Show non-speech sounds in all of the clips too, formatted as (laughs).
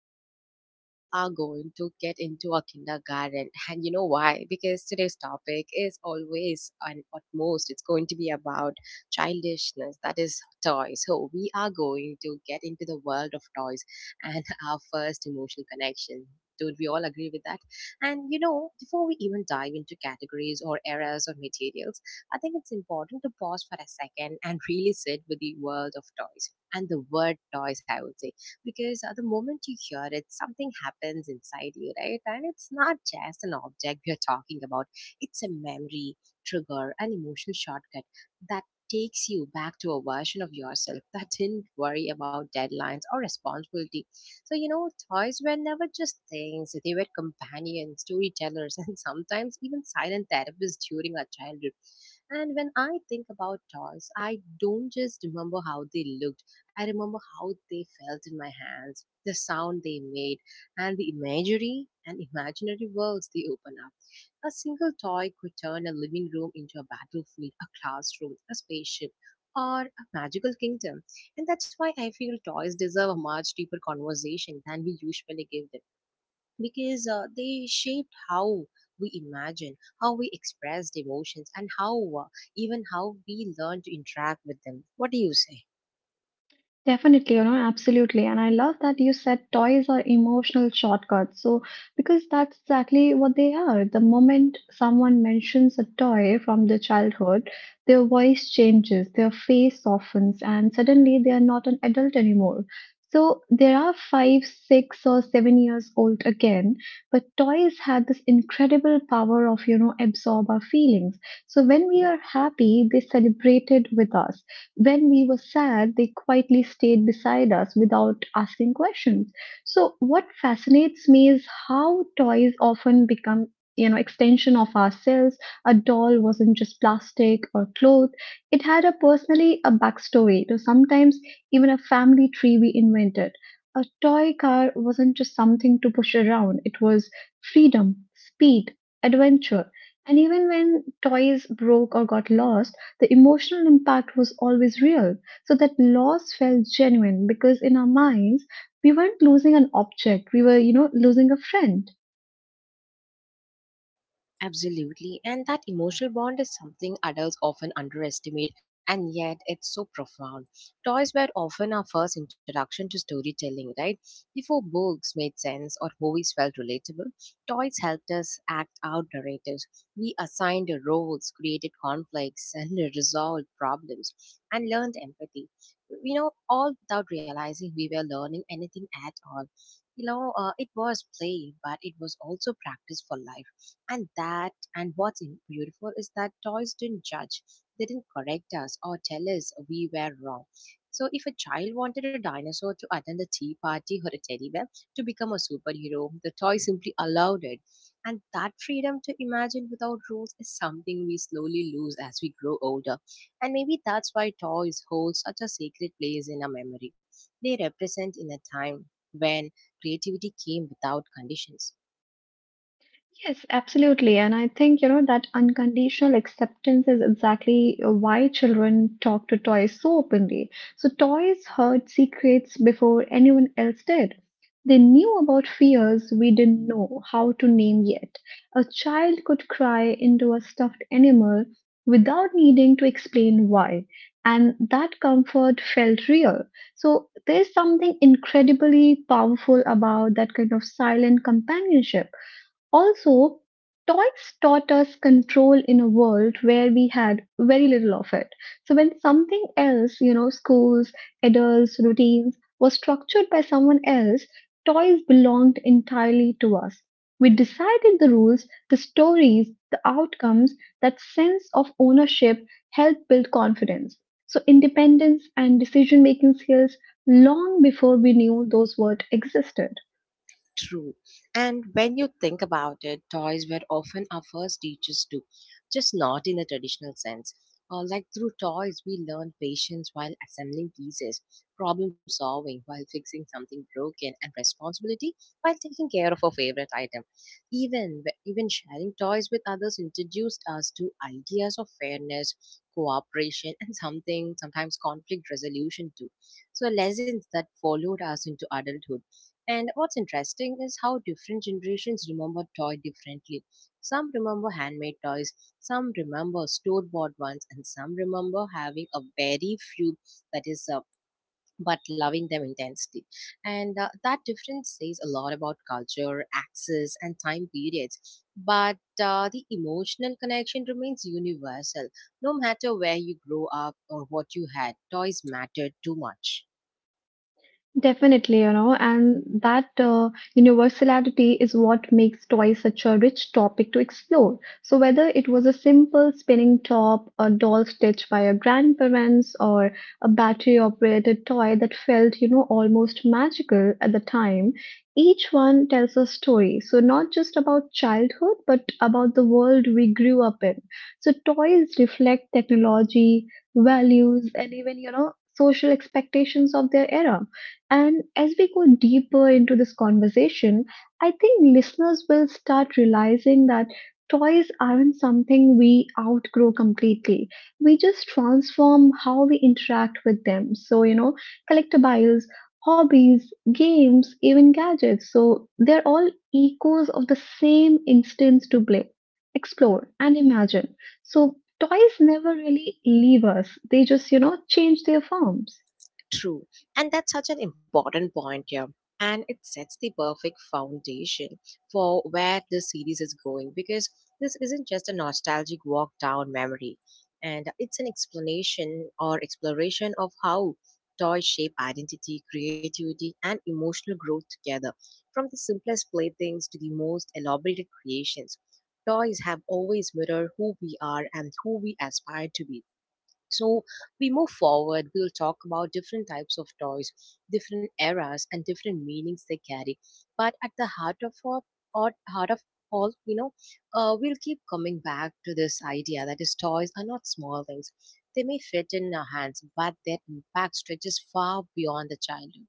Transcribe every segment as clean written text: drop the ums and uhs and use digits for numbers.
And today, we are going to get into our kindergarten. And you know why? Because today's topic is always, and at most, it's going to be about childishness that is, toys. So, we are going to get into the world of toys and (laughs) our first emotional connection. Don't we all agree with that? And you know, before we even dive into categories or eras or materials, I think it's important to pause for a second and really sit with the world of toys and the word toys, I would say, because at the moment you hear it, something happens inside you, right? And it's not just an object we are talking about, it's a memory, trigger, an emotional shortcut that takes you back to a version of yourself that (laughs) didn't worry about deadlines or responsibility. So, you know, toys were never just things, they were companions, storytellers, (laughs) and sometimes even silent therapists during our childhood. And when I think about toys, I don't just remember how they looked, I remember how they felt in my hands, the sound they made, and the imagery and imaginary worlds they open up. A single toy could turn a living room into a battlefield, a classroom, a spaceship, or a magical kingdom. And that's why I feel toys deserve a much deeper conversation than we usually give them because they shaped how we imagine, how we expressed emotions, and how even how we learn to interact with them. What do you say? Definitely, absolutely. And I love that you said toys are emotional shortcuts. So, because that's exactly what they are. The moment someone mentions a toy from their childhood, their voice changes, their face softens, and suddenly they are not an adult anymore. So, there are 5, 6, or 7 years old again, but toys had this incredible power of absorb our feelings. So, when we are happy, they celebrate it with us. When we were sad, they quietly stayed beside us without asking questions. So, what fascinates me is how toys often become extension of ourselves, a doll wasn't just plastic or cloth, it had a personally a backstory to sometimes even a family tree we invented, a toy car wasn't just something to push around, it was freedom, speed, adventure. And even when toys broke or got lost, the emotional impact was always real, so that loss felt genuine because in our minds, we weren't losing an object, we were losing a friend. Absolutely. And that emotional bond is something adults often underestimate, and yet it's so profound. Toys were often our first introduction to storytelling, right? Before books made sense or movies felt relatable, toys helped us act out narratives. We assigned roles, created conflicts, (laughs) and resolved problems, and learned empathy. You know, all without realizing we were learning anything at all. You know, it was play, but it was also practice for life. And that and beautiful is that toys didn't judge. They didn't correct us or tell us we were wrong. So if a child wanted a dinosaur to attend a tea party or a teddy bear to become a superhero, the toy simply allowed it. And that freedom to imagine without rules is something we slowly lose as we grow older. And maybe that's why toys hold such a sacred place in our memory. They represent in a time when creativity came without conditions. Yes, absolutely. And I think that unconditional acceptance is exactly why children talk to toys so openly. So, toys heard secrets before anyone else did. They knew about fears we didn't know how to name yet. A child could cry into a stuffed animal without needing to explain why. And that comfort felt real. So, there's something incredibly powerful about that kind of silent companionship. Also, toys taught us control in a world where we had very little of it. So, when something else schools, adults, routines, was structured by someone else, toys belonged entirely to us. We decided the rules, the stories, the outcomes, that sense of ownership helped build confidence. So, independence and decision making skills long before we knew those words existed. True. And when you think about it, toys were often our first teachers too, just not in the traditional sense. Like through toys, we learned patience while assembling pieces, problem solving while fixing something broken, and responsibility while taking care of a favorite item. Even sharing toys with others introduced us to ideas of fairness, cooperation, and something sometimes conflict resolution too. So lessons that followed us into adulthood. And what's interesting is how different generations remember toy differently. Some remember handmade toys, some remember store-bought ones, and some remember having a very few that is but loving them intensely. And that difference says a lot about culture, access, and time periods. But the emotional connection remains universal. No matter where you grow up or what you had, toys mattered too much. Definitely and that universality is what makes toys such a rich topic to explore. So, whether it was a simple spinning top, a doll stitched by your grandparents, or a battery operated toy that felt almost magical at the time, each one tells a story. So, not just about childhood, but about the world we grew up in. So, toys reflect technology, values, and even social expectations of their era. And as we go deeper into this conversation, I think listeners will start realizing that toys aren't something we outgrow completely. We just transform how we interact with them. So collectibles, hobbies, games, even gadgets. So, they're all echoes of the same instance to play, explore, and imagine. So, toys never really leave us, they just change their forms. True. And that's such an important point here. And it sets the perfect foundation for where the series is going, because this isn't just a nostalgic walk down memory. And it's an explanation or exploration of how toys shape identity, creativity, and emotional growth together. From the simplest playthings to the most elaborated creations, toys have always mirrored who we are and who we aspire to be. So we move forward, we'll talk about different types of toys, different eras and different meanings they carry, but at the heart of all, or heart of all, you know, we'll keep coming back to this idea that is toys are not small things. They may fit in our hands, but their impact stretches far beyond the childhood.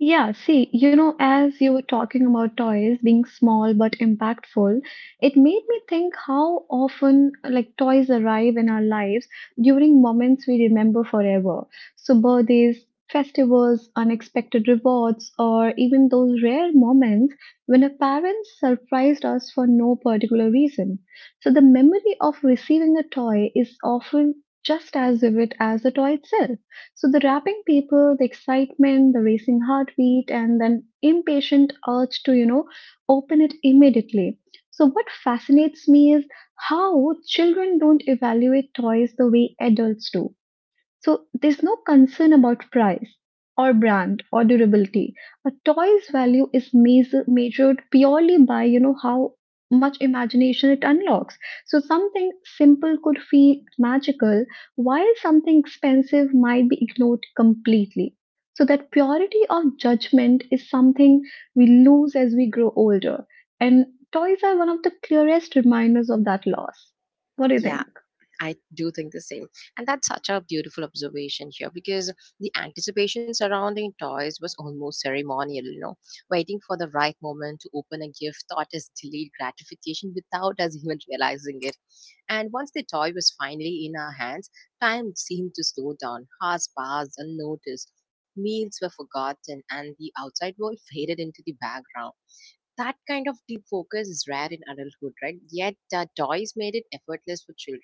Yeah, see as you were talking about toys being small but impactful, it made me think how often like toys arrive in our lives during moments we remember forever. So birthdays, festivals, unexpected rewards, or even those rare moments when a parent surprised us for no particular reason. So the memory of receiving a toy is often just as vivid as the toy itself. So the rapping people, the excitement, the racing heartbeat, and then impatient urge to open it immediately. So what fascinates me is how children don't evaluate toys the way adults do. So there's no concern about price or brand or durability. A toy's value is measured purely by how much imagination it unlocks. So something simple could feel magical, while something expensive might be ignored completely. So that purity of judgment is something we lose as we grow older, and toys are one of the clearest reminders of that loss. What do you Yeah, think? I do think the same. And that's such a beautiful observation here because the anticipation surrounding toys was almost ceremonial, you know. Waiting for the right moment to open a gift thought as delayed gratification without us (laughs) even realizing it. And once the toy was finally in our hands, time seemed to slow down, hours passed unnoticed. Meals were forgotten and the outside world (laughs) faded into the background. That kind of deep focus is rare in adulthood, right? Yet toys made it effortless for children.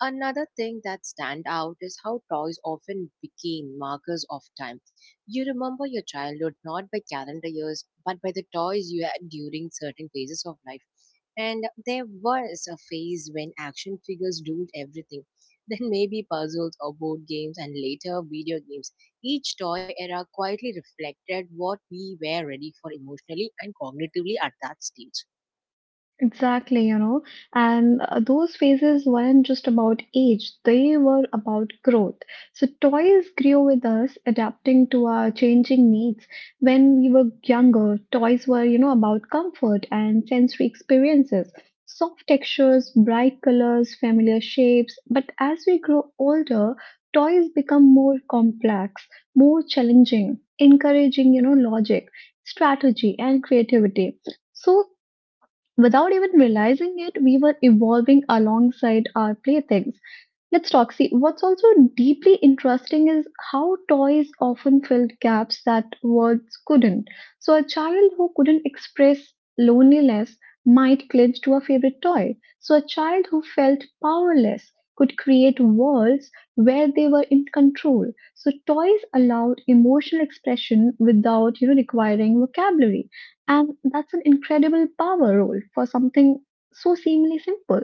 Another thing that stand out is how toys often became markers of time. You remember your childhood not by calendar years, but by the toys you had during certain phases of life. And there was a phase when action figures ruled everything. (laughs) Then maybe puzzles or board games, and later video games. Each toy era quietly reflected what we were ready for emotionally and cognitively at that stage. Exactly and those phases weren't just about age, they were about growth. So, toys grew with us, adapting to our changing needs. When we were younger, toys were about comfort and sensory experiences, soft textures, bright colors, familiar shapes. But as we grow older, toys become more complex, more challenging, encouraging logic, strategy, and creativity. So without even realizing it, we were evolving alongside our playthings. Let's talk. See, what's also deeply interesting is how toys often filled gaps that words couldn't. So, a child who couldn't express loneliness might cling to a favorite toy. So, a child who felt powerless could create worlds where they were in control. So, toys allowed emotional expression without requiring vocabulary. And that's an incredible power role for something so seemingly simple.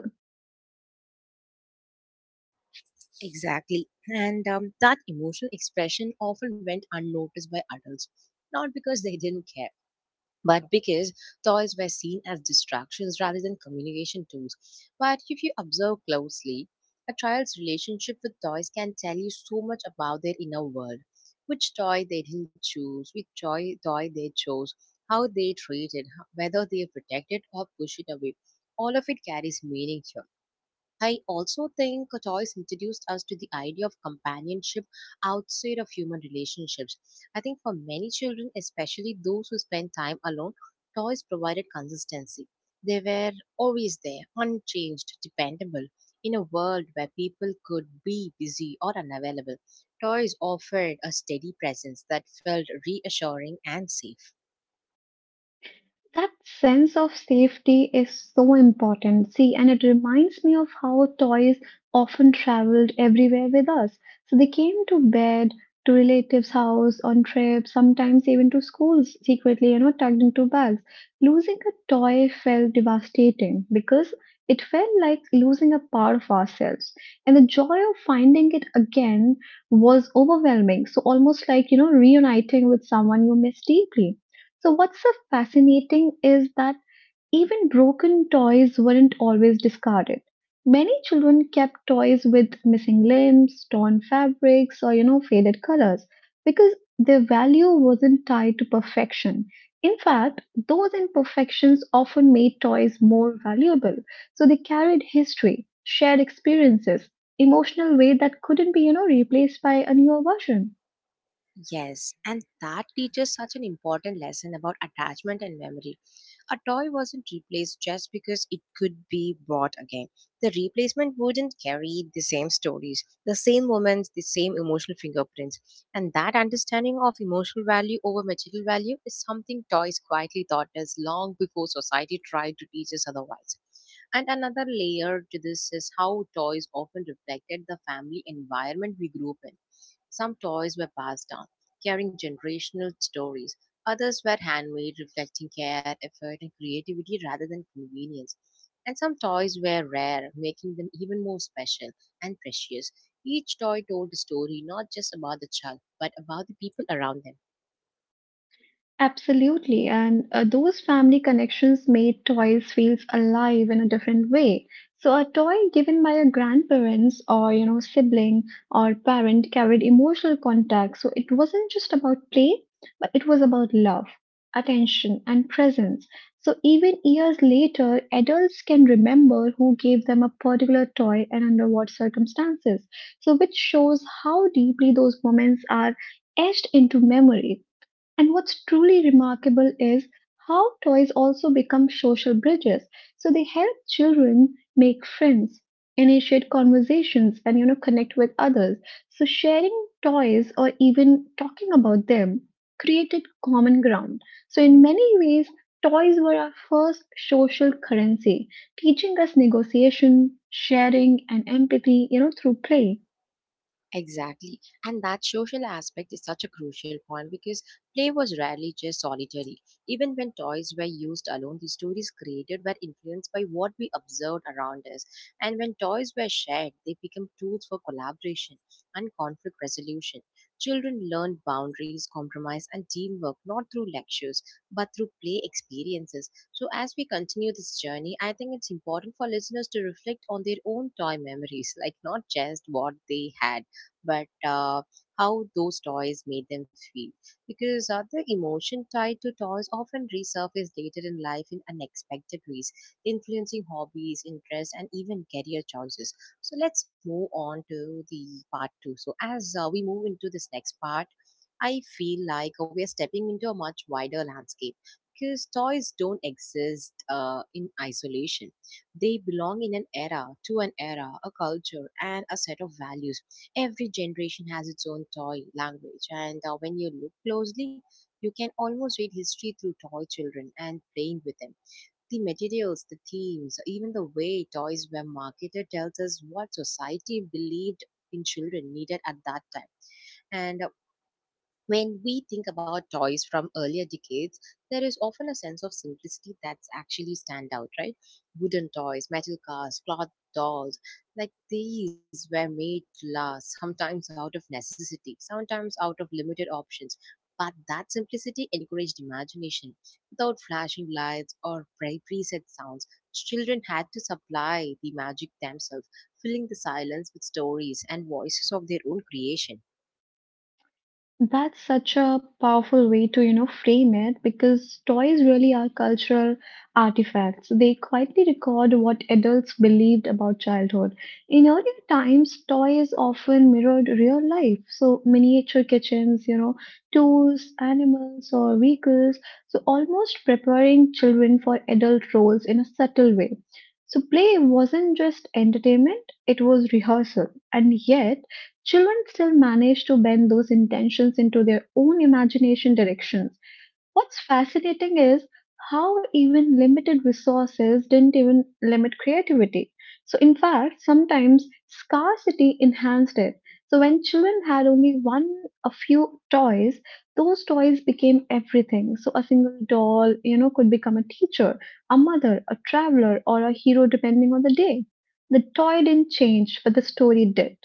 Exactly. And that emotional expression often went unnoticed by adults, not because they didn't care but because toys were seen as distractions rather than communication tools. But if you observe closely, a child's relationship with toys can tell you so much about their inner world. Which toy they didn't choose, which toy they chose, how they treat it, whether they protect it or push it away. All of it carries meaning here. I also think toys introduced us to the idea of companionship outside of human relationships. I think for many children, especially those who spend time alone, toys provided consistency. They were always there, unchanged, dependable. In a world where people could be busy or unavailable, toys offered a steady presence that felt reassuring and safe. That sense of safety is so important. See, and it reminds me of how toys often traveled everywhere with us. So they came to bed, to relatives' house, on trips, sometimes even to schools secretly tucked into bags. Losing a toy felt devastating because it felt like losing a part of ourselves. And the joy of finding it again was overwhelming. So almost like reuniting with someone you miss deeply. So, what's so fascinating is that even broken toys weren't always discarded. Many children kept toys with missing limbs, torn fabrics, or faded colors because their value wasn't tied to perfection. In fact, those imperfections often made toys more valuable. So they carried history, shared experiences, emotional weight that couldn't be replaced by a newer version. Yes, and that teaches such an important lesson about attachment and memory. A toy wasn't replaced just because it could be bought again. The replacement wouldn't carry the same stories, the same moments, the same emotional fingerprints. And that understanding of emotional value over material value is something toys quietly taught us long before society tried to teach us otherwise. And another layer to this is how toys often reflected the family environment we grew up in. Some toys were passed down, carrying generational stories. Others were handmade, reflecting care, effort, and creativity rather than convenience. And some toys were rare, making them even more special and precious. Each toy told a story not just about the child, but about the people around them. Absolutely. And those family connections made toys feels alive in a different way. So a toy given by a grandparents or sibling or parent carried emotional contact. So it wasn't just about play, but it was about love, attention, and presence. So even years later, adults can remember who gave them a particular toy and under what circumstances. So which shows how deeply those moments are etched into memory. And what's truly remarkable is how toys also become social bridges. So they help children make friends, initiate conversations, and connect with others. So sharing toys or even talking about them created common ground. So in many ways, toys were our first social currency, teaching us negotiation, sharing, and empathy through play. Exactly. And that social aspect is such a crucial point because play was rarely just solitary. Even when toys were used alone, the stories created were influenced by what we observed around us. And when toys were shared, they became tools for collaboration and conflict resolution. Children learned boundaries, compromise, and teamwork not through lectures but through play experiences. So, as we continue this journey, I think it's important for listeners to reflect on their own toy memories, like not just what they had but how those toys made them feel. Because the emotion tied to toys often resurface later in life in unexpected ways, influencing hobbies, interests, and even career choices. So let's move on to the part two. So as we move into this next part, I feel like we are stepping into a much wider landscape because toys don't exist in isolation. They belong in an era, to an era, a culture, and a set of values. Every generation has its own toy language, and when you look closely, you can almost read history through toy children and playing with them. The materials, the themes, even the way toys were marketed tells us what society believed in children needed at that time. And when we think about toys from earlier decades, there is often a sense of simplicity that's actually stand out, right? Wooden toys, metal cars, cloth dolls, like these were made to last, sometimes out of necessity, sometimes out of limited options. But that simplicity encouraged imagination. Without flashing lights or preset sounds, children had to supply the magic themselves, filling the silence with stories and voices of their own creation. That's such a powerful way to frame it because toys really are cultural artifacts. They quietly record what adults believed about childhood. In earlier times, toys often mirrored real life. So miniature kitchens tools, animals, or vehicles. So almost preparing children for adult roles in a subtle way. So play wasn't just entertainment, it was rehearsal. And yet, children still manage to bend those intentions into their own imagination directions. What's fascinating is how even limited resources didn't even limit creativity. So, in fact, sometimes scarcity enhanced it. So, when children had only one, a few toys, those toys became everything. So, a single doll could become a teacher, a mother, a traveler, or a hero, depending on the day. The toy didn't change, but the story did.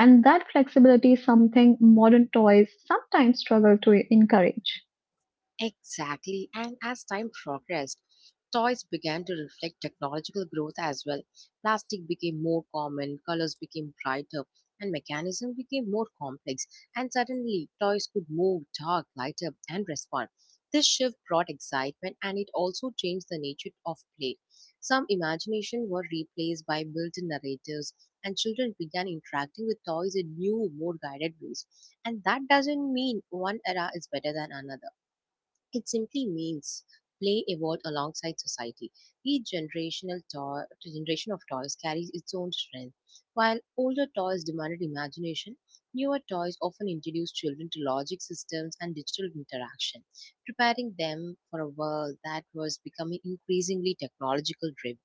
And that flexibility is something modern toys sometimes struggle to encourage. Exactly. And as time progressed, toys began to reflect technological growth as well. Plastic became more common, colors became brighter, and mechanism became more complex. And suddenly, toys could move, talk, light up, and respond. This shift brought excitement and it also changed the nature of play. Some imagination were replaced by built in narratives, and children began interacting with toys in new, more guided ways. And that doesn't mean one era is better than another, it simply means play evolved alongside society. Each generation of toys carries its own strength. While older toys demanded imagination, newer toys often introduce children to logic systems and digital interaction, preparing them for a world that was becoming increasingly technological driven.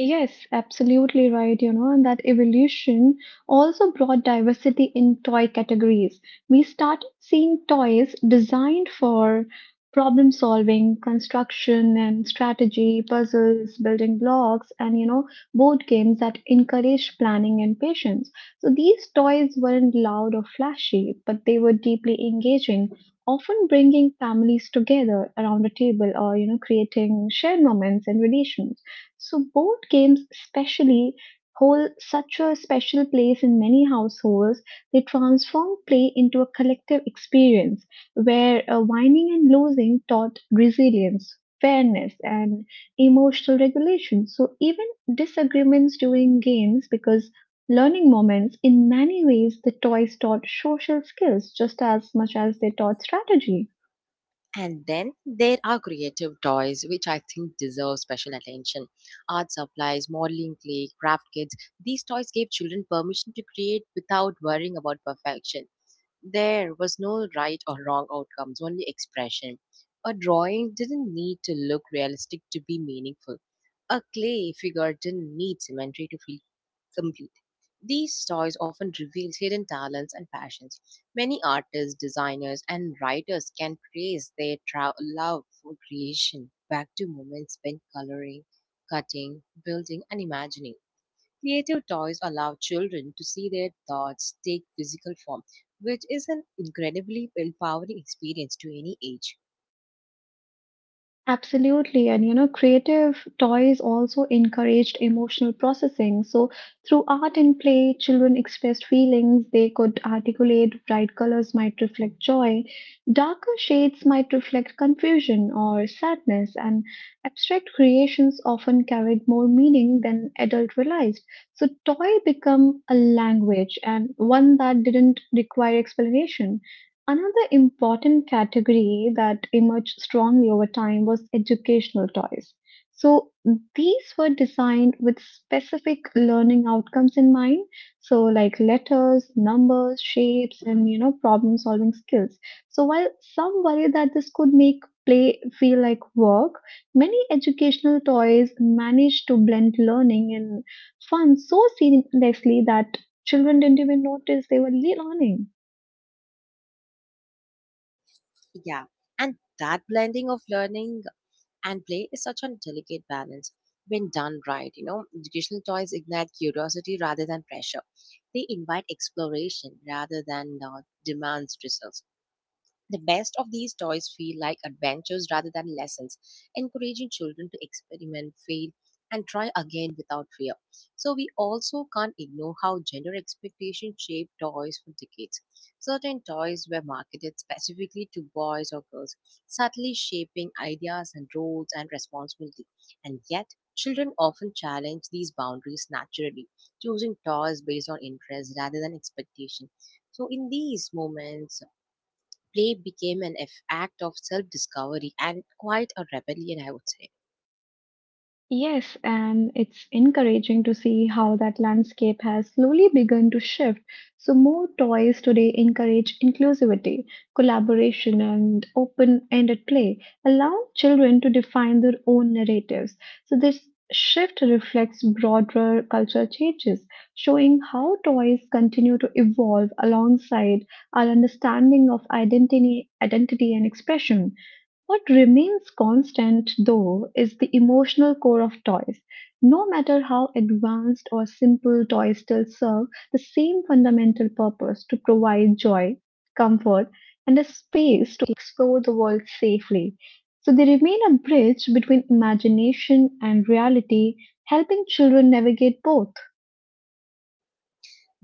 Yes, absolutely right and that evolution also brought diversity in toy categories. We started seeing toys designed for problem solving, construction and strategy, puzzles, building blocks, and board games that encourage planning and patience. So these toys weren't loud or flashy, but they were deeply engaging, often bringing families together around a table or creating shared moments and relations. So board games especially hold such a special place in many households. They transform play into a collective experience where winning and losing taught resilience, fairness, and emotional regulation. So even disagreements during games because learning moments in many ways the toys taught social skills just as much as they taught strategy. And then there are creative toys, which I think deserve special attention. Art supplies, modeling clay, craft kits. These toys gave children permission to create without worrying about perfection. There was no right or wrong outcomes, only expression. A drawing didn't need to look realistic to be meaningful. A clay figure didn't need symmetry to feel complete. These stories often reveal hidden talents and passions. Many artists, designers, and writers can trace their love for creation back to moments spent coloring, cutting, building, and imagining. Creative toys allow children to see their thoughts take physical form, which is an incredibly empowering experience to any age. Absolutely. And creative toys also encouraged emotional processing. So, through art and play, children expressed feelings. They could articulate bright colors might reflect joy, darker shades might reflect confusion or sadness. And abstract creations often carried more meaning than adult realized. So, toy become a language and one that didn't require explanation. Another important category that emerged strongly over time was educational toys. So these were designed with specific learning outcomes in mind. So like letters, numbers, shapes, and problem solving skills. So while some worry that this could make play feel like work, many educational toys managed to blend learning and fun so seamlessly that children didn't even notice they were learning. Yeah, and that blending of learning and play is such a delicate balance when done right. You know, educational toys ignite curiosity rather than pressure. They invite exploration rather than demands results. The best of these toys feel like adventures rather than lessons, encouraging children to experiment, fail, and try again without fear. So, we also can't ignore how gender expectations shaped toys for decades. Certain toys were marketed specifically to boys or girls, subtly shaping ideas and roles and responsibility. And yet, children often challenge these boundaries naturally, choosing toys based on interest rather than expectation. So, in these moments, play became an act of self discovery and quite a rebellion, I would say. Yes, and it's encouraging to see how that landscape has slowly begun to shift. So, more toys today encourage inclusivity, collaboration, and open ended play, allowing children to define their own narratives. So, this shift reflects broader cultural changes, showing how toys continue to evolve alongside our understanding of identity and expression. What remains constant, though, is the emotional core of toys. No matter how advanced or simple toys still serve the same fundamental purpose to provide joy, comfort, and a space to explore the world safely. So they remain a bridge between imagination and reality, helping children navigate both.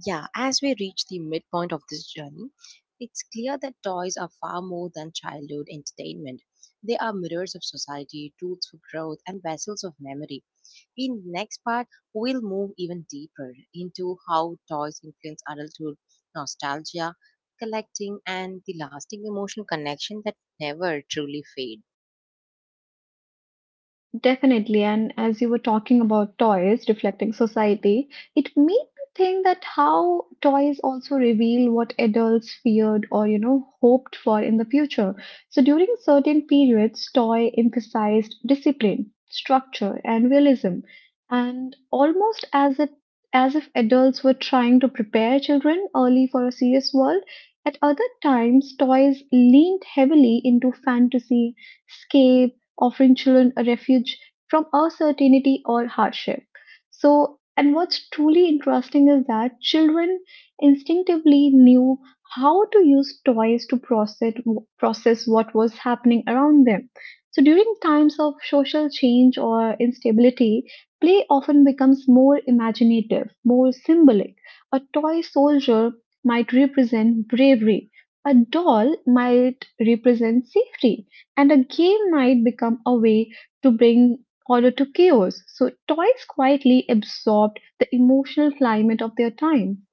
Yeah, as we reach the midpoint of this journey, it's clear that toys are far more than childhood entertainment. They are mirrors of society, tools for growth, and vessels of memory. In next part, we'll move even deeper into how toys influence adulthood, nostalgia, collecting, and the lasting emotional connection that never truly fades. Definitely. And as you were talking about toys reflecting society, it made me think that how toys also reveal what adults feared or, hoped for in the future. So during certain periods, toy emphasized discipline, structure, and realism. And almost as if adults were trying to prepare children early for a serious world. At other times, toys leaned heavily into fantasy, offering children a refuge from uncertainty or hardship. So, and what's truly interesting is that children instinctively knew how to use toys to process what was happening around them. So, during times of social change or instability, play often becomes more imaginative, more symbolic. A toy soldier might represent bravery, a doll might represent safety and a game might become a way to bring order to chaos. So toys quietly absorbed the emotional climate of their time.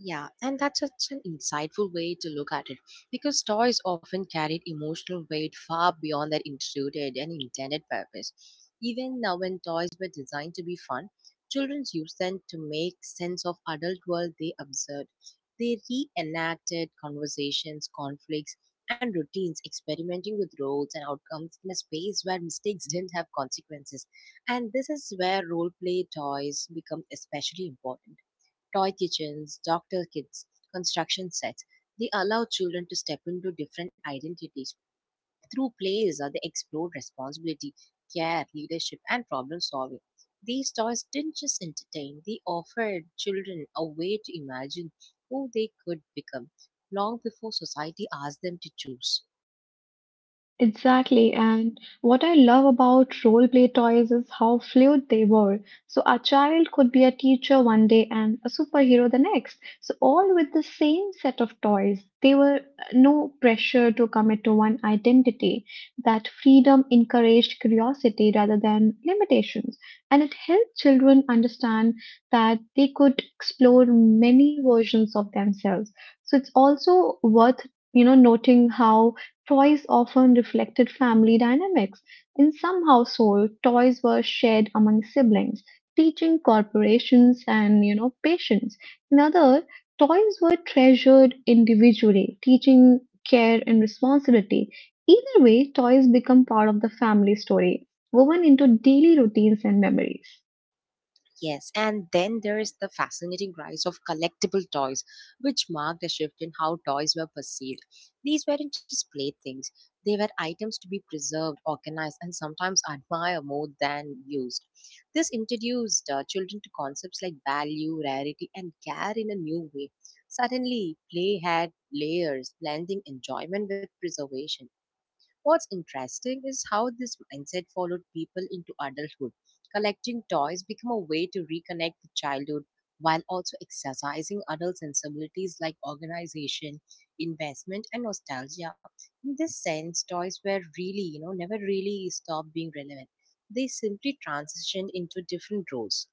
Yeah, and that's such an insightful way to look at it because toys often carried emotional weight far beyond their intended purpose. Even now, when toys were designed to be fun, children used them to make sense of adult world they observed. They reenacted conversations, conflicts, and routines, experimenting with roles and outcomes in a space where mistakes didn't have consequences. And this is where role play toys become especially important. Toy kitchens, doctor kits, construction sets. They allow children to step into different identities. Through plays, they explore responsibility, care, leadership, and problem solving. These toys didn't just entertain, they offered children a way to imagine who they could become long before society asked them to choose. Exactly, and what I love about role play toys is how fluid they were. So a child could be a teacher one day and a superhero the next. So all with the same set of toys. They were no pressure to commit to one identity. That freedom encouraged curiosity rather than limitations, and it helped children understand that they could explore many versions of themselves. So it's also worth noting how toys often reflected family dynamics. In some households, toys were shared among siblings, teaching corporations and patience. In other, toys were treasured individually, teaching care and responsibility. Either way, toys become part of the family story, woven into daily routines and memories. Yes, and then there is the fascinating rise of collectible toys, which marked a shift in how toys were perceived. These weren't just playthings, they were items to be preserved, organized, and sometimes admired more than used. This introduced children to concepts like value, rarity, and care in a new way. Suddenly, play had layers, blending enjoyment with preservation. What's interesting is how this mindset followed people into adulthood. Collecting toys became a way to reconnect with childhood while also exercising adult sensibilities like organization, investment, and nostalgia. In this sense, toys were never really stopped being relevant. They simply transitioned into different roles.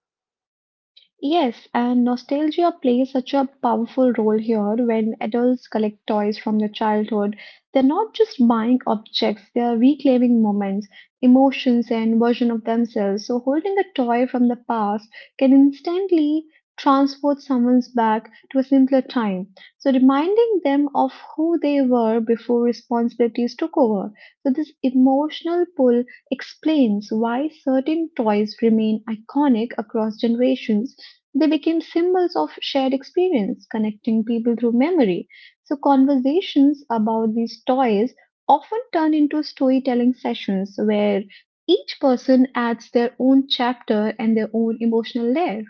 Yes, and nostalgia plays such a powerful role here when adults collect toys from their childhood. They're not just buying objects, they're reclaiming moments, emotions, and version of themselves. So holding a toy from the past can instantly transport someone's back to a simpler time. So reminding them of who they were before responsibilities took over. So this emotional pull explains why certain toys remain iconic across generations. They became symbols of shared experience, connecting people through memory. So, conversations about these toys often turn into storytelling sessions where each person adds their own chapter and their own emotional layer.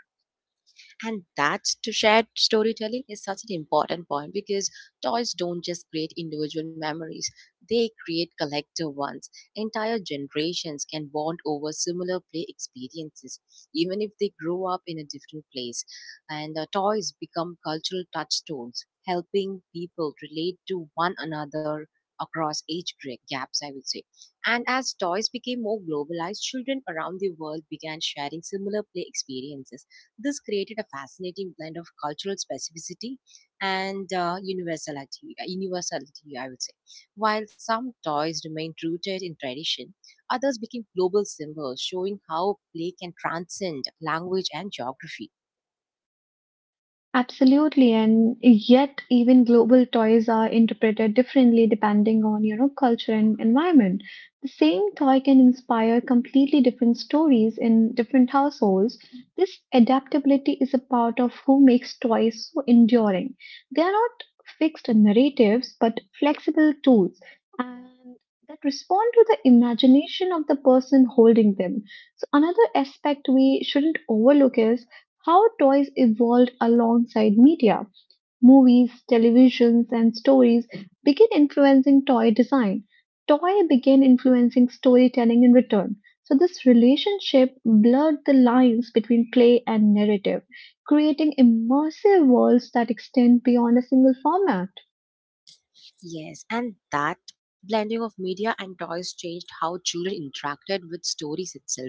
And that's to shared storytelling is such an important point because toys don't just create individual memories, they create collective ones. Entire generations can bond over similar play experiences, even if they grow up in a different place. And toys become cultural touchstones, helping people relate to one another across age gaps, I would say. And as toys became more globalized, children around the world began sharing similar play experiences. This created a fascinating blend of cultural specificity and universality, I would say. While some toys remained rooted in tradition, others became global symbols, showing how play can transcend language and geography. Absolutely, and yet even global toys are interpreted differently depending on, culture and environment. The same toy can inspire completely different stories in different households. This adaptability is a part of who makes toys so enduring. They are not fixed narratives, but flexible tools, and that respond to the imagination of the person holding them. So another aspect we shouldn't overlook is how toys evolved alongside media. Movies, televisions, and stories began influencing toy design. Toy began influencing storytelling in return. So, this relationship blurred the lines between play and narrative, creating immersive worlds that extend beyond a single format. Yes, and that blending of media and toys changed how children interacted with stories itself.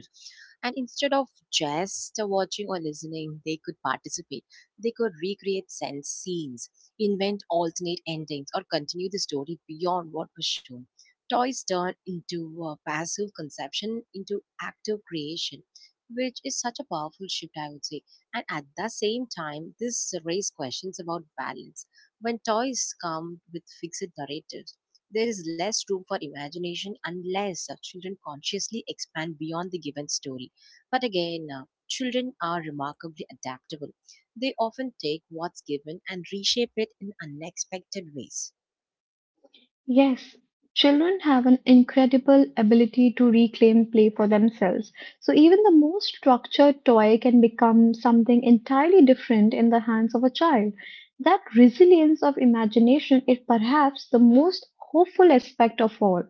And instead of just watching or listening, they could participate. They could recreate sense scenes, invent alternate endings, or continue the story beyond what was shown. Toys turned into passive conception into active creation, which is such a powerful shift, I would say. And at the same time, this raised questions about balance when toy is calmed with fixed narratives, there is less room for imagination unless children consciously expand beyond the given story. But again, children are remarkably adaptable. They often take what's given and reshape it in unexpected ways. Yes, children have an incredible ability to reclaim play for themselves. So even the most structured toy can become something entirely different in the hands of a child. That resilience of imagination is perhaps the most hopeful aspect of all.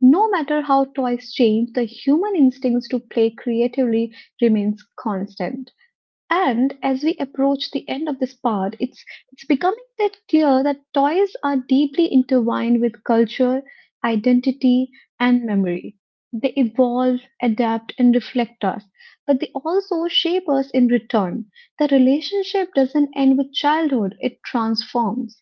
No matter how toys change, the human instincts to play creatively remains constant. And as we approach the end of this part, it's becoming that clear that toys are deeply intertwined with culture, identity, and memory. They evolve, adapt, and reflect us, but they also shape us in return. The relationship doesn't end with childhood, it transforms.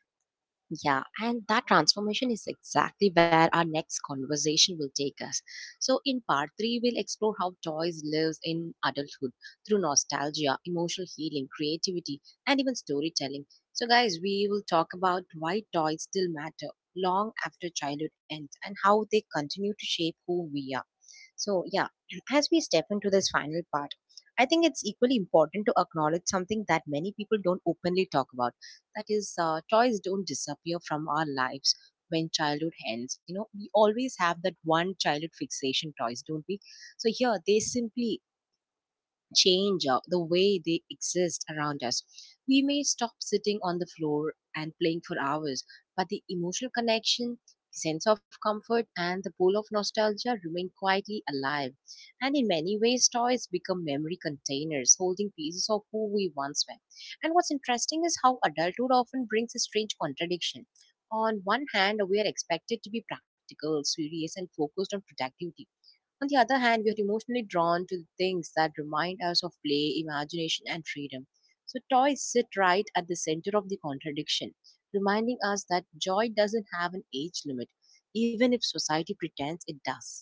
Yeah, and that transformation is exactly where our next conversation will take us. So, in part three, we'll explore how toys lives in adulthood through nostalgia, emotional healing, creativity, and even storytelling. So, guys, we will talk about why toys still matter long after childhood ends and how they continue to shape who we are. So, yeah, (clears throat) as we step into this final part, I think it's equally important to acknowledge something that many people don't openly talk about. That is, toys don't disappear from our lives when childhood ends. You know, we always have that one childhood fixation toys, don't we? So here, they simply change the way they exist around us. We may stop sitting on the floor and playing for hours, but the emotional connection, sense of comfort, and the pull of nostalgia remain quietly alive. And in many ways, toys become memory containers holding pieces of who we once were. And what's interesting is how adulthood often brings a strange contradiction. On one hand, we are expected to be practical, serious, and focused on productivity. On the other hand, we are emotionally drawn to the things that remind us of play, imagination, and freedom. So, toys sit right at the center of the contradiction, reminding us that joy doesn't have an age limit, even if society pretends it does.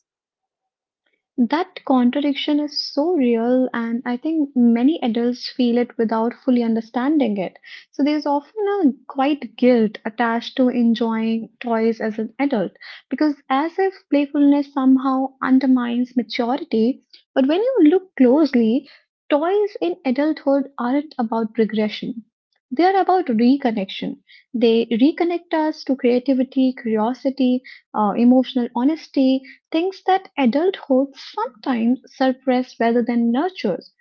That contradiction is so real, and I think many adults feel it without fully understanding it. So, there's often a quite guilt attached to enjoying toys as an adult, because as if playfulness somehow undermines maturity. But when you look closely, toys in adulthood aren't about regression, they are about reconnection. They reconnect us to creativity, curiosity, emotional honesty things that adulthood sometimes suppresses rather than nurtures.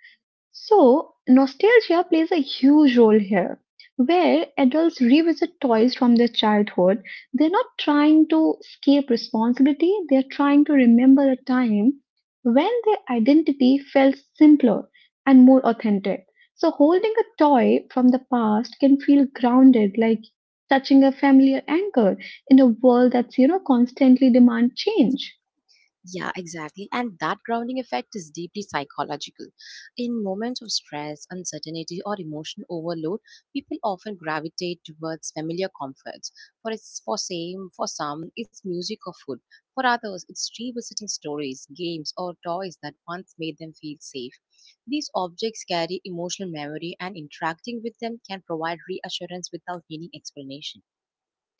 So, nostalgia plays a huge role here, where adults revisit toys from their childhood. They're not trying to escape responsibility, they're trying to remember a time when their identity felt simpler and more authentic. So, holding a toy from the past can feel grounded, like touching a familiar anchor in a world that's, constantly demand change. Yeah, exactly. And that grounding effect is deeply psychological. In moments of stress, uncertainty, or emotional overload, people often gravitate towards familiar comforts. For some, it's music or food. For others, it's revisiting stories, games, or toys that once made them feel safe. These objects carry emotional memory, and interacting with them can provide reassurance without needing explanation.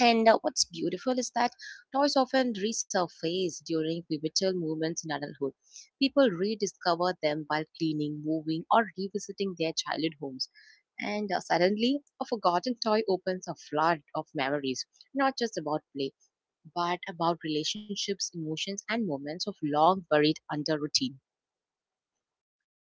And what's beautiful is that toys often resurface during pivotal moments in adulthood. People rediscover them while cleaning, moving, or revisiting their childhood homes. And suddenly, a forgotten toy opens a flood of memories, not just about play, but about relationships, emotions, and moments of long buried under routine.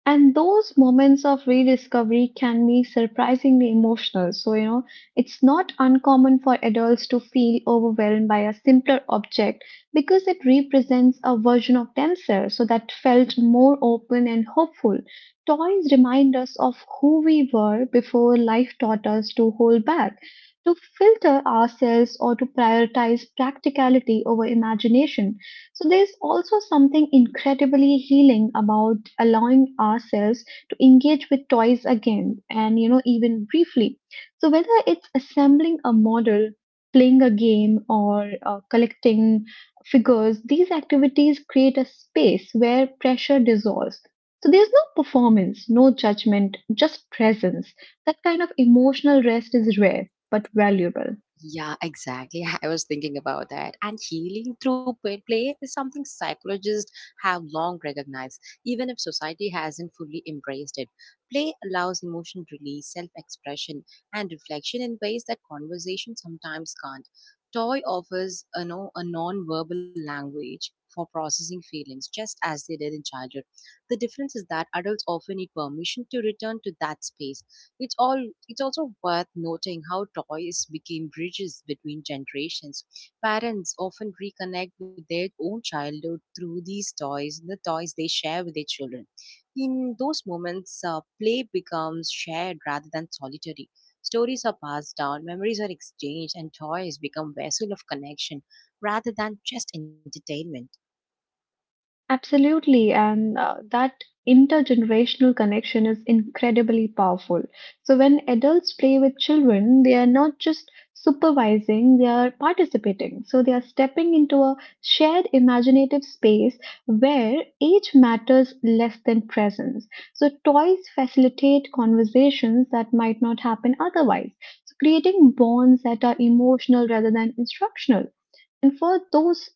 And those moments of rediscovery can be surprisingly emotional. So, it's not uncommon for adults to feel overwhelmed by a simpler object because it represents a version of themselves, so that felt more open and hopeful. Toys remind us of who we were before life taught us to hold back, to filter ourselves, or to prioritize practicality over imagination. So there's also something incredibly healing about allowing ourselves to engage with toys again and even briefly. So whether it's assembling a model, playing a game or collecting figures, these activities create a space where pressure dissolves. So there's no performance, no judgment, just presence. That kind of emotional rest is rare but valuable. Yeah, exactly. (laughs) I was thinking about that. And healing through play is something psychologists have long recognized, even if society hasn't fully embraced it. Play allows emotional release, self expression, and reflection in ways that conversation sometimes can't. Toy offers a, no, a non verbal language for processing feelings, just as they did in childhood. The difference is that adults often need permission to return to that space. It's all it's also worth noting how toys became bridges between generations. Parents often reconnect with their own childhood through these toys, the toys they share with their children. In those moments, play becomes shared rather than solitary. Stories are passed down, memories are exchanged, and toys become vessel of connection rather than just entertainment. Absolutely, and that intergenerational connection is incredibly powerful. So, when adults play with children, they are not just supervising, they are participating. So, they are stepping into a shared imaginative space where age matters less than presence. So, toys facilitate conversations that might not happen otherwise, so creating bonds that are emotional rather than instructional. And for those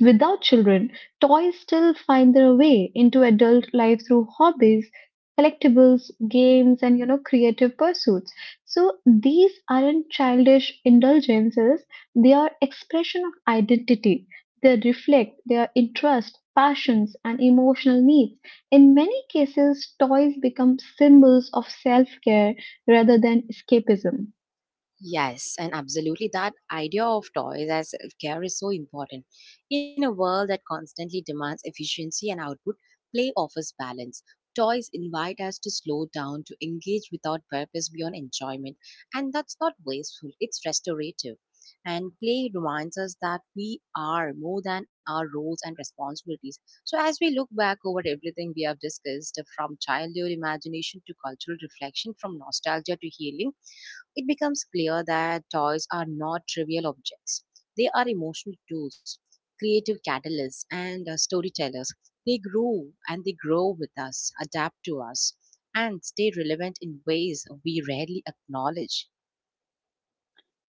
without children, toys still find their way into adult life through hobbies, collectibles, games, and creative pursuits. So these aren't childish indulgences, they are expression of identity. They reflect their interests, passions, and emotional needs. In many cases, toys become symbols of self care rather than escapism. Yes, and absolutely that idea of toys as self-care is so important. In a world that constantly demands efficiency and output, play offers balance. Toys invite us to slow down, to engage without purpose beyond enjoyment, and that's not wasteful, it's restorative. And play reminds us that we are more than our roles and responsibilities. So, as we look back over everything we have discussed, from childhood imagination to cultural reflection, from nostalgia to healing, it becomes clear that toys are not trivial objects. They are emotional tools, creative catalysts, and storytellers. They grew and They grow with us, adapt to us, and stay relevant in ways we rarely acknowledge.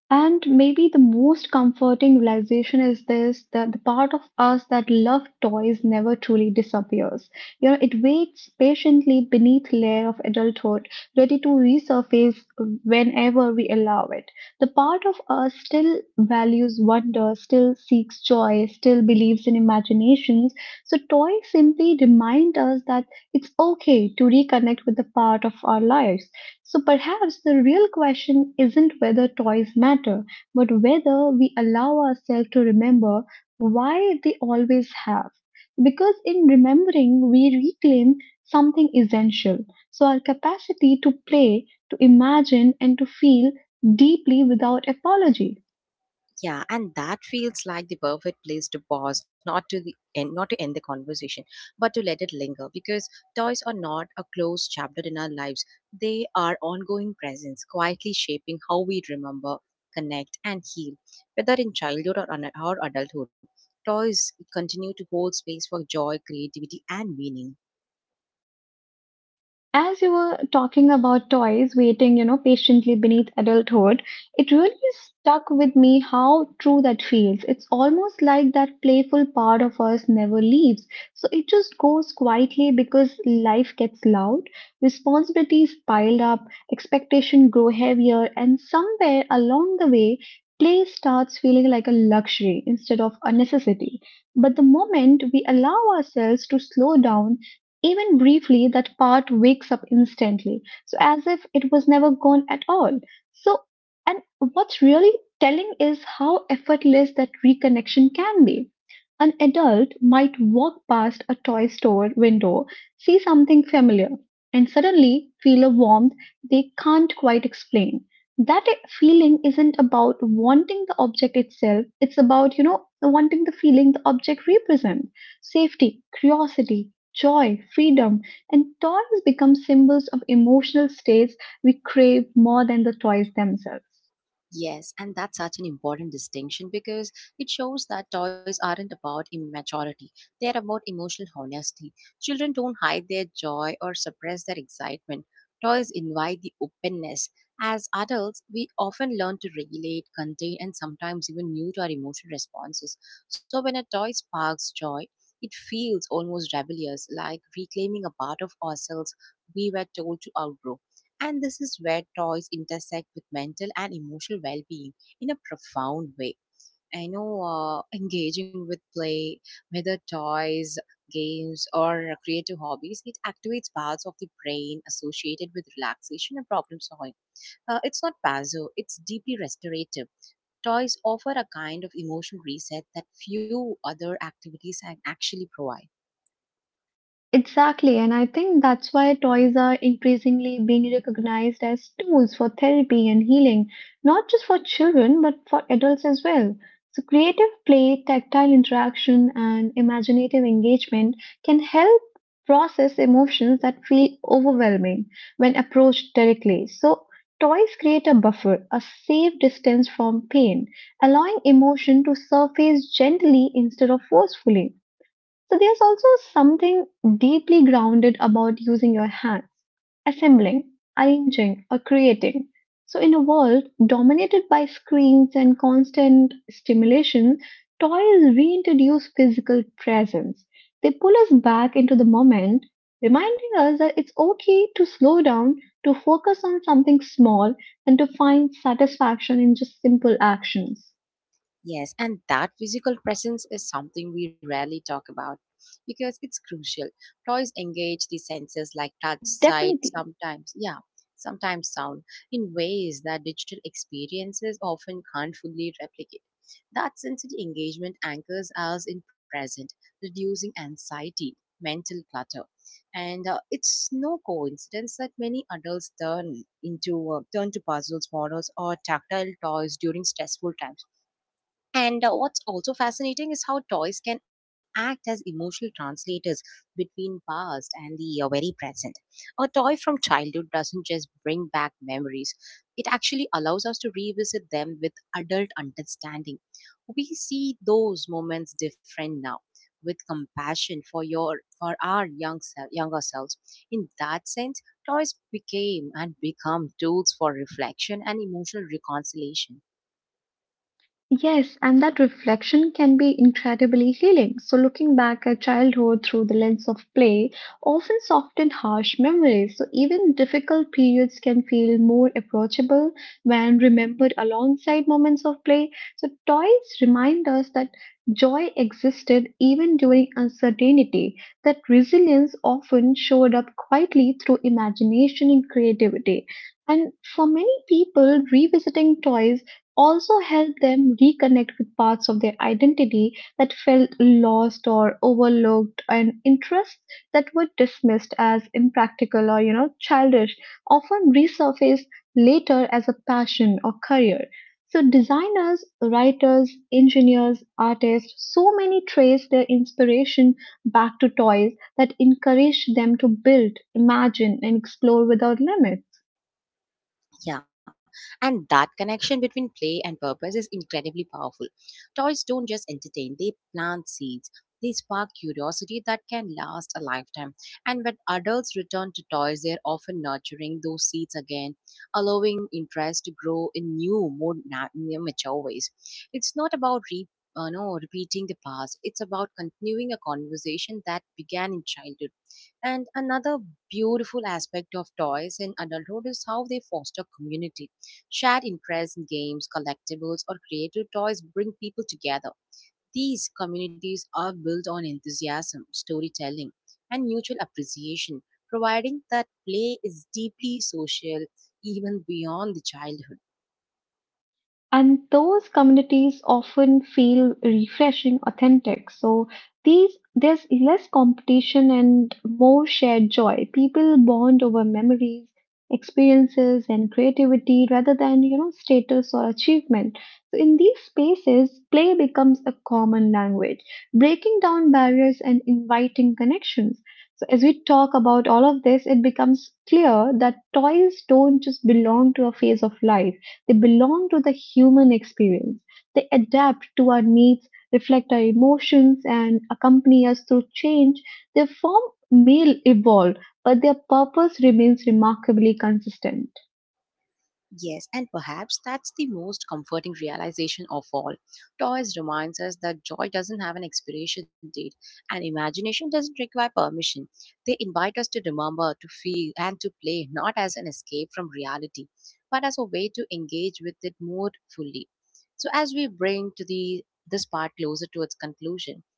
And maybe the most comforting realization is this that the part of us that loved toys never truly disappears. It waits patiently beneath layer of adulthood, ready to resurface whenever we allow it. The part of us still values wonder, still seeks joy, still believes in imaginations. So toys simply remind us that it's okay to reconnect with the part of our lives. So perhaps the real question isn't whether toys matter, but whether we allow ourselves to remember why they always have. Because in remembering, we reclaim something essential. So our capacity to play, to imagine, and to feel deeply without apology. Yeah, and that feels like the perfect place to pause, not to the end, not to end the conversation, but to let it linger. Because toys are not a closed chapter in our lives; they are ongoing presence, quietly shaping how we remember, connect, and heal. Whether in childhood or adulthood, toys continue to hold space for joy, creativity, and meaning. As you were talking about toys waiting, patiently beneath adulthood, it really stuck with me how true that feels. It's almost like that playful part of us never leaves. So it just goes quietly because life gets loud, responsibilities piled up, expectations grow heavier, and somewhere along the way, play starts feeling like a luxury instead of a necessity. But the moment we allow ourselves to slow down, even briefly, that part wakes up instantly, so as if it was never gone at all. So, and what's really telling is how effortless that reconnection can be. An adult might walk past a toy store window, see something familiar, and suddenly feel a warmth they can't quite explain. That feeling isn't about wanting the object itself, it's about, wanting the feeling the object represents safety, curiosity, joy, freedom, and toys become symbols of emotional states we crave more than the toys themselves. Yes, and that's such an important distinction because it shows that toys aren't about immaturity. They're about emotional honesty. Children don't hide their joy or suppress their excitement. Toys invite the openness. As adults, we often learn to regulate, contain, and sometimes even mute our emotional responses. So when a toy sparks joy, it feels almost rebellious, like reclaiming a part of ourselves we were told to outgrow. And this is where toys intersect with mental and emotional well being in a profound way. I know engaging with play, whether toys, games, or creative hobbies, it activates parts of the brain associated with relaxation and problem solving. It's not passive, it's deeply restorative. Toys offer a kind of emotional reset that few other activities can actually provide. Exactly, and I think that's why toys are increasingly being recognized as tools for therapy and healing, not just for children, but for adults as well. So, creative play, tactile interaction, and imaginative engagement can help process emotions that feel overwhelming when approached directly. So, toys create a buffer, a safe distance from pain, allowing emotion to surface gently instead of forcefully. So there's also something deeply grounded about using your hands, assembling, arranging, or creating. So in a world dominated by screens and constant stimulation, toys reintroduce physical presence. They pull us back into the moment, reminding us that it's okay to slow down, to focus on something small, and to find satisfaction in just simple actions. Yes, and that physical presence is something we rarely talk about because it's crucial. Toys engage the senses like touch, sight, Definitely. sometimes, yeah, sometimes sound in ways that digital experiences often can't fully replicate. That sensory engagement anchors us in present, reducing anxiety, mental clutter. And it's no coincidence that many adults turn to puzzles, models, or tactile toys during stressful times and what's also fascinating is how toys can act as emotional translators between past and the very present. A toy from childhood doesn't just bring back memories, it actually allows us to revisit them with adult understanding. We see those moments different now with compassion for your for our younger selves. In that sense, toys became and become tools for reflection and emotional reconciliation. Yes, and that reflection can be incredibly healing. So, looking back at childhood through the lens of play often softens harsh memories. So, even difficult periods can feel more approachable when remembered alongside moments of play. So, toys remind us that joy existed even during uncertainty, that resilience often showed up quietly through imagination and creativity. And for many people, revisiting toys also help them reconnect with parts of their identity that felt lost or overlooked and interests that were dismissed as impractical or childish often resurface later as a passion or career. So designers, writers, engineers, artists, so many trace their inspiration back to toys that encourage them to build, imagine, and explore without limit. Yeah, and that connection between play and purpose is incredibly powerful. Toys don't just entertain, they plant seeds. They spark curiosity that can last a lifetime. And when adults return to toys, they are often nurturing those seeds again, allowing interest to grow in new, more mature ways. It's not about re- no, repeating the past, it's about continuing a conversation that began in childhood. And another beautiful aspect of toys in adulthood is how they foster community. Shared interests in games, collectibles, or creative toys bring people together. These communities are built on enthusiasm, storytelling, and mutual appreciation, providing that play is deeply social even beyond the childhood. And those communities often feel refreshing, authentic. So these there's less competition and more shared joy. People bond over memories, experiences, and creativity rather than status or achievement. So in these spaces, play becomes a common language, breaking down barriers and inviting connections. So as we talk about all of this, it becomes clear that toys don't just belong to a phase of life, they belong to the human experience. They adapt to our needs, reflect our emotions, and accompany us through change. Their form may evolve, but their purpose remains remarkably consistent. Yes, and perhaps that's the most comforting realization of all. Toys reminds us that joy doesn't have an expiration date and imagination doesn't require permission. They invite us to remember, to feel, and to play not as an escape from reality, but as a way to engage with it more fully. So, as we bring to the this part closer to its conclusion,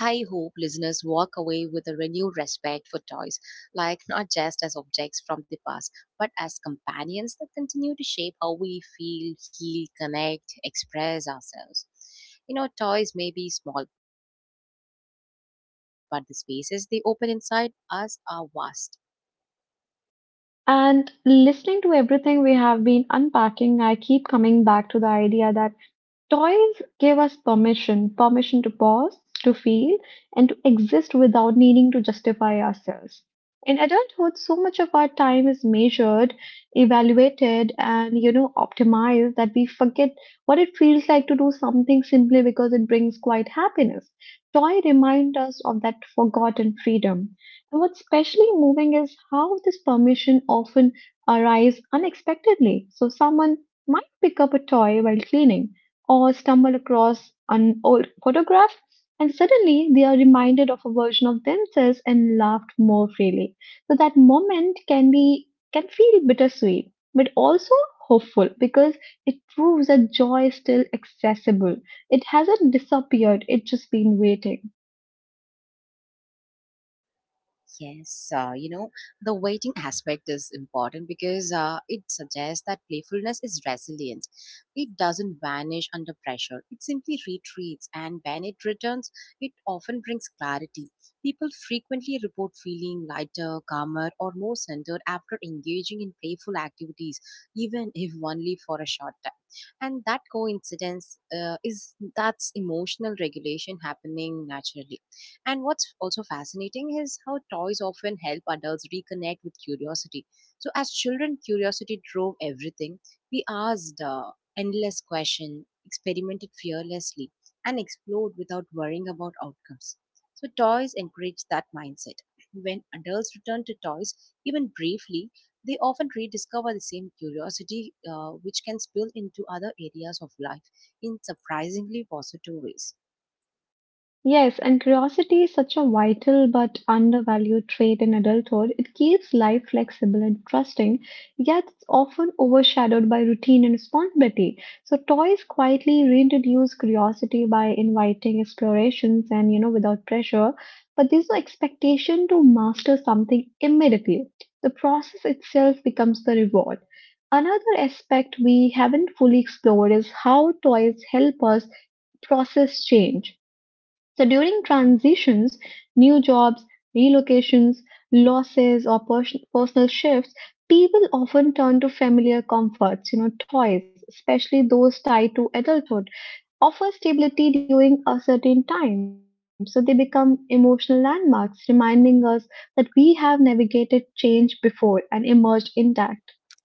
I hope listeners walk away with a renewed respect for toys, like not just as objects from the past, but as companions that continue to shape how we feel, heal, connect, express ourselves. You know, toys may be small, but the spaces they open inside us are vast. And listening to everything we have been unpacking, I keep coming back to the idea that toys gave us permission to pause, to feel, and to exist without needing to justify ourselves. In adulthood, so much of our time is measured, evaluated, and optimized that we forget what it feels like to do something simply because it brings quite happiness. Toy remind us of that forgotten freedom. And what's especially moving is how this permission often arises unexpectedly. So someone might pick up a toy while cleaning or stumble across an old photograph, and suddenly they are reminded of a version of themselves and laughed more freely. So that moment can feel bittersweet, but also hopeful because it proves that joy is still accessible. It hasn't disappeared; it's just been waiting. Yes, you know, the waiting aspect is important because it suggests that playfulness is resilient. It doesn't vanish under pressure, it simply retreats, and when it returns, it often brings clarity. People frequently report feeling lighter, calmer, or more centered after engaging in playful activities, even (laughs) if only for a short time. And that coincidence is that's emotional regulation happening naturally. And what's also fascinating is how toys often help adults reconnect with curiosity. So, as children, curiosity drove everything. We asked endless questions, experimented fearlessly, and explored without worrying about outcomes. So, toys encourage that mindset. When adults return to toys, even briefly, they often rediscover the same curiosity, which can spill into other areas of life in surprisingly positive ways. Yes, and curiosity is such a vital but undervalued trait in adulthood. It keeps life flexible and trusting, yet it's often overshadowed by routine and responsibility. So toys quietly reintroduce curiosity by inviting explorations and, without pressure, but there's no expectation to master something immediately. The process itself becomes the reward. Another aspect we haven't fully explored is how toys help us process change. So during transitions, new jobs, relocations, losses, or personal shifts, people often turn to familiar comforts, you know, toys, especially those tied to adulthood, offer stability during a certain time. So they become emotional landmarks, reminding us that we have navigated change before and emerged intact.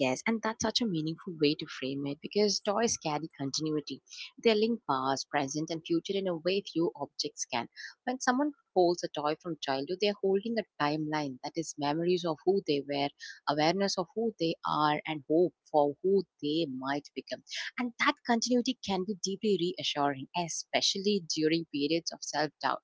Yes, and that's such a meaningful way to frame it because toys carry continuity. They link past, present, and future in a way few objects can. When someone holds a toy from childhood, they're holding a timeline that is memories of who they were, awareness of who they are, and hope for who they might become. And that continuity can be deeply reassuring, especially during periods of self doubt.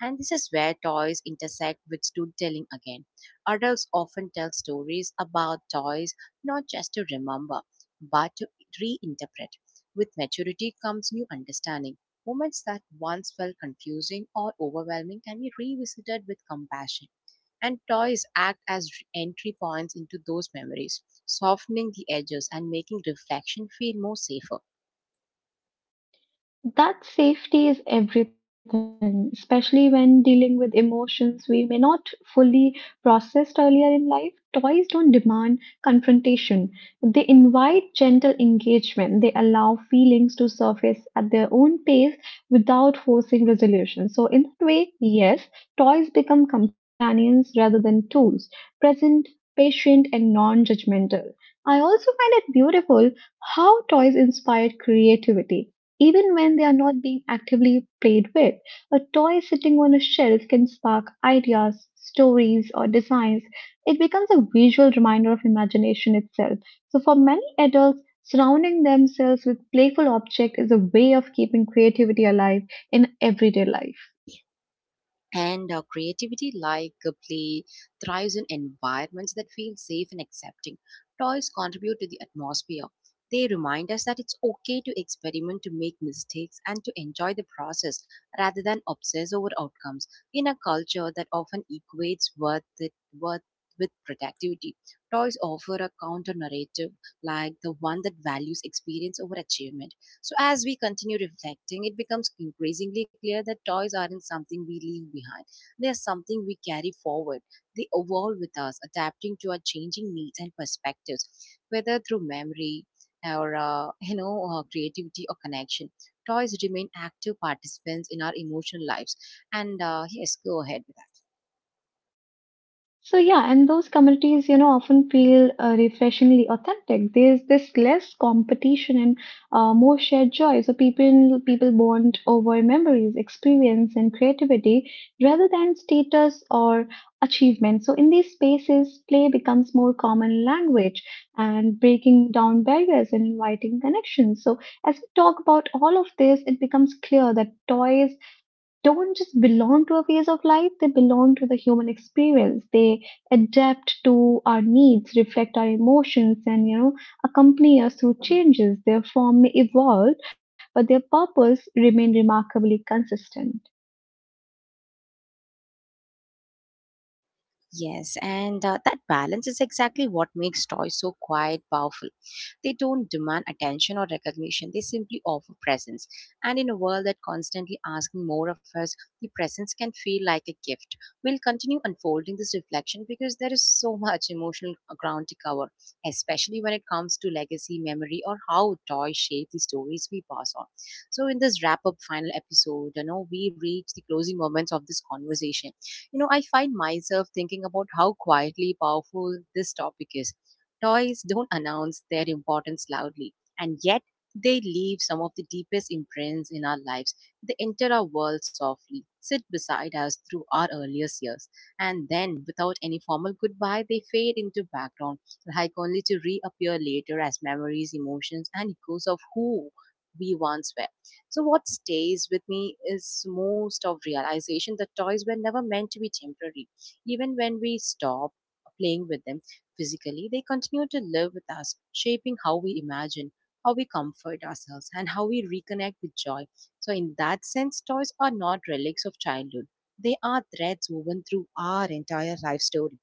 And this is where toys intersect with storytelling again. Adults often tell stories about toys not just to remember, but to reinterpret. With maturity comes new understanding. Moments that once felt confusing or overwhelming can be revisited with compassion. And toys act as entry points into those memories, softening the edges and making reflection feel more safer. That safety is everything, especially when dealing with emotions we may not fully processed earlier in life. Toys don't demand confrontation. They invite gentle engagement. They allow feelings to surface at their own pace without forcing resolution. So in that way, yes, toys become companions rather than tools, present, patient, and non-judgmental. I also find it beautiful how toys inspired creativity even when they are not being actively played with, a toy sitting on a shelf can spark ideas, stories, or designs. It becomes a visual reminder of imagination itself. So, for many adults, surrounding themselves with playful objects is a way of keeping creativity alive in everyday life. And creativity like play thrives in environments that feel safe and accepting. Toys contribute to the atmosphere. They remind us that it's okay to experiment, to make mistakes, and to enjoy the process rather than obsess over outcomes. In a culture that often equates worth with productivity, toys offer a counter narrative, like the one that values experience over achievement. So, as we continue reflecting, it becomes increasingly clear that toys aren't something we leave behind. They are something we carry forward. They evolve with us, adapting to our changing needs and perspectives, whether through memory or (laughs) creativity or connection. Toys remain active participants in our emotional lives. And yes, go ahead. So yeah, and those communities, you know, often feel refreshingly authentic. There's this less competition and more shared joy. So people bond over memories, experience, and creativity rather than status or achievement. So in these spaces, play becomes more common language and breaking down barriers and inviting connections. So as we talk about all of this, it becomes clear that toys don't just belong to a phase of life, they belong to the human experience. They adapt to our needs, reflect our emotions, and accompany us through changes. Their form may evolve, but their purpose remain remarkably consistent. Yes, and that balance is exactly what makes toys so quiet, powerful. They don't demand attention or recognition, they simply offer presence. And in a world that constantly asking more of us, the presence can feel like a gift. We'll continue unfolding this reflection because there is so much emotional ground to cover, especially when it comes to legacy, memory, or how toys shape the stories we pass on. So, in this wrap up final episode, you know, we reach the closing moments of this conversation. You know, I find myself thinking about how quietly powerful this topic is. Toys don't announce their importance loudly, and yet they leave some of the deepest imprints in our lives. They enter our world softly, sit beside us through our earliest years, and then, without any formal goodbye, they fade into background, like only to reappear later as memories, emotions, and echoes of who we once were. So, what stays with me is most of realization that toys were never meant to be temporary. Even when we stop playing with them physically, they continue to live with us, shaping how we imagine, how we comfort ourselves, and how we reconnect with joy. So, in that sense, toys are not relics of childhood. They are threads woven through our entire life story.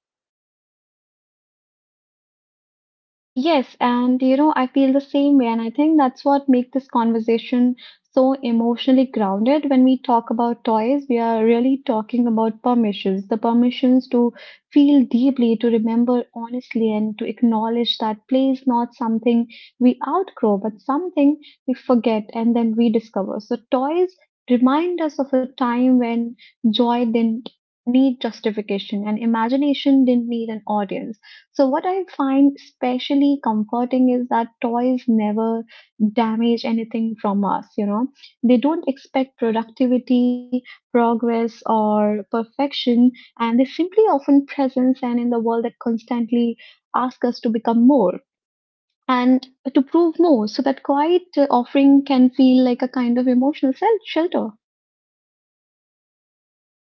Yes, and you know, I feel the same way, and I think that's what makes this conversation so emotionally grounded. When we talk about toys, we are really talking about permissions, the permissions to feel deeply, to remember honestly, and to acknowledge that play is not something we outgrow, but something we forget and then rediscover. So toys remind us of a time when joy didn't need justification and imagination didn't need an audience. So, what I find especially comforting is that toys never damage anything from us. They don't expect productivity, progress, or perfection, and they simply often presence and in the world that constantly ask us to become more and to prove more. So, that quiet offering can feel like a kind of emotional shelter.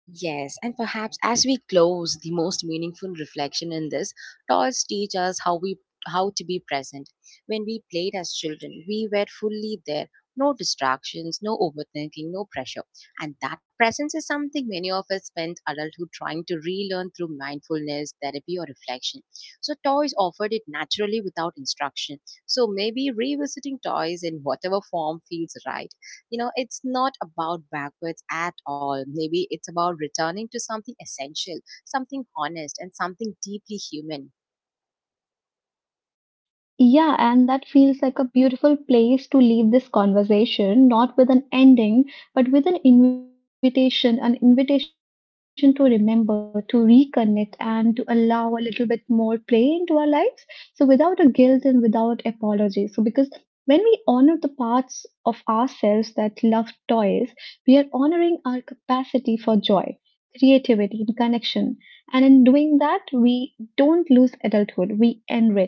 Yes, and perhaps as we close, the most meaningful reflection in this, toys teach us how to be present. When we played as children, we were fully there. No distractions, no overthinking, no pressure. And that presence is something many of us spend adulthood trying to relearn through mindfulness, therapy, or reflection. So, toys offered it naturally without instruction. So, maybe revisiting toys in whatever form feels right, you know, it's not about backwards at all. Maybe it's about returning to something essential, something honest, and something deeply human. Yeah, and that feels like a beautiful place to leave this conversation, not with an ending, but with an invitation to remember, to reconnect, and to allow a little bit more play into our lives. So, without a guilt and without apology. So, because when we honor the parts of ourselves that love toys, we are honoring our capacity for joy, creativity, and connection. And in doing that, we don't lose adulthood, we enrich it.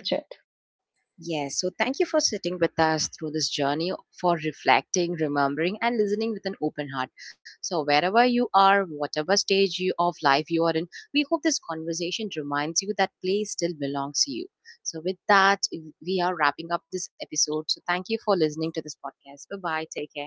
Yes, so thank you for sitting with us through this journey, for reflecting, remembering, and listening with an open heart. So wherever you are, whatever stage of life you are in, we hope this conversation reminds you that play still belongs to you. So with that, we are wrapping up this episode. So thank you for listening to this podcast. Bye bye, take care.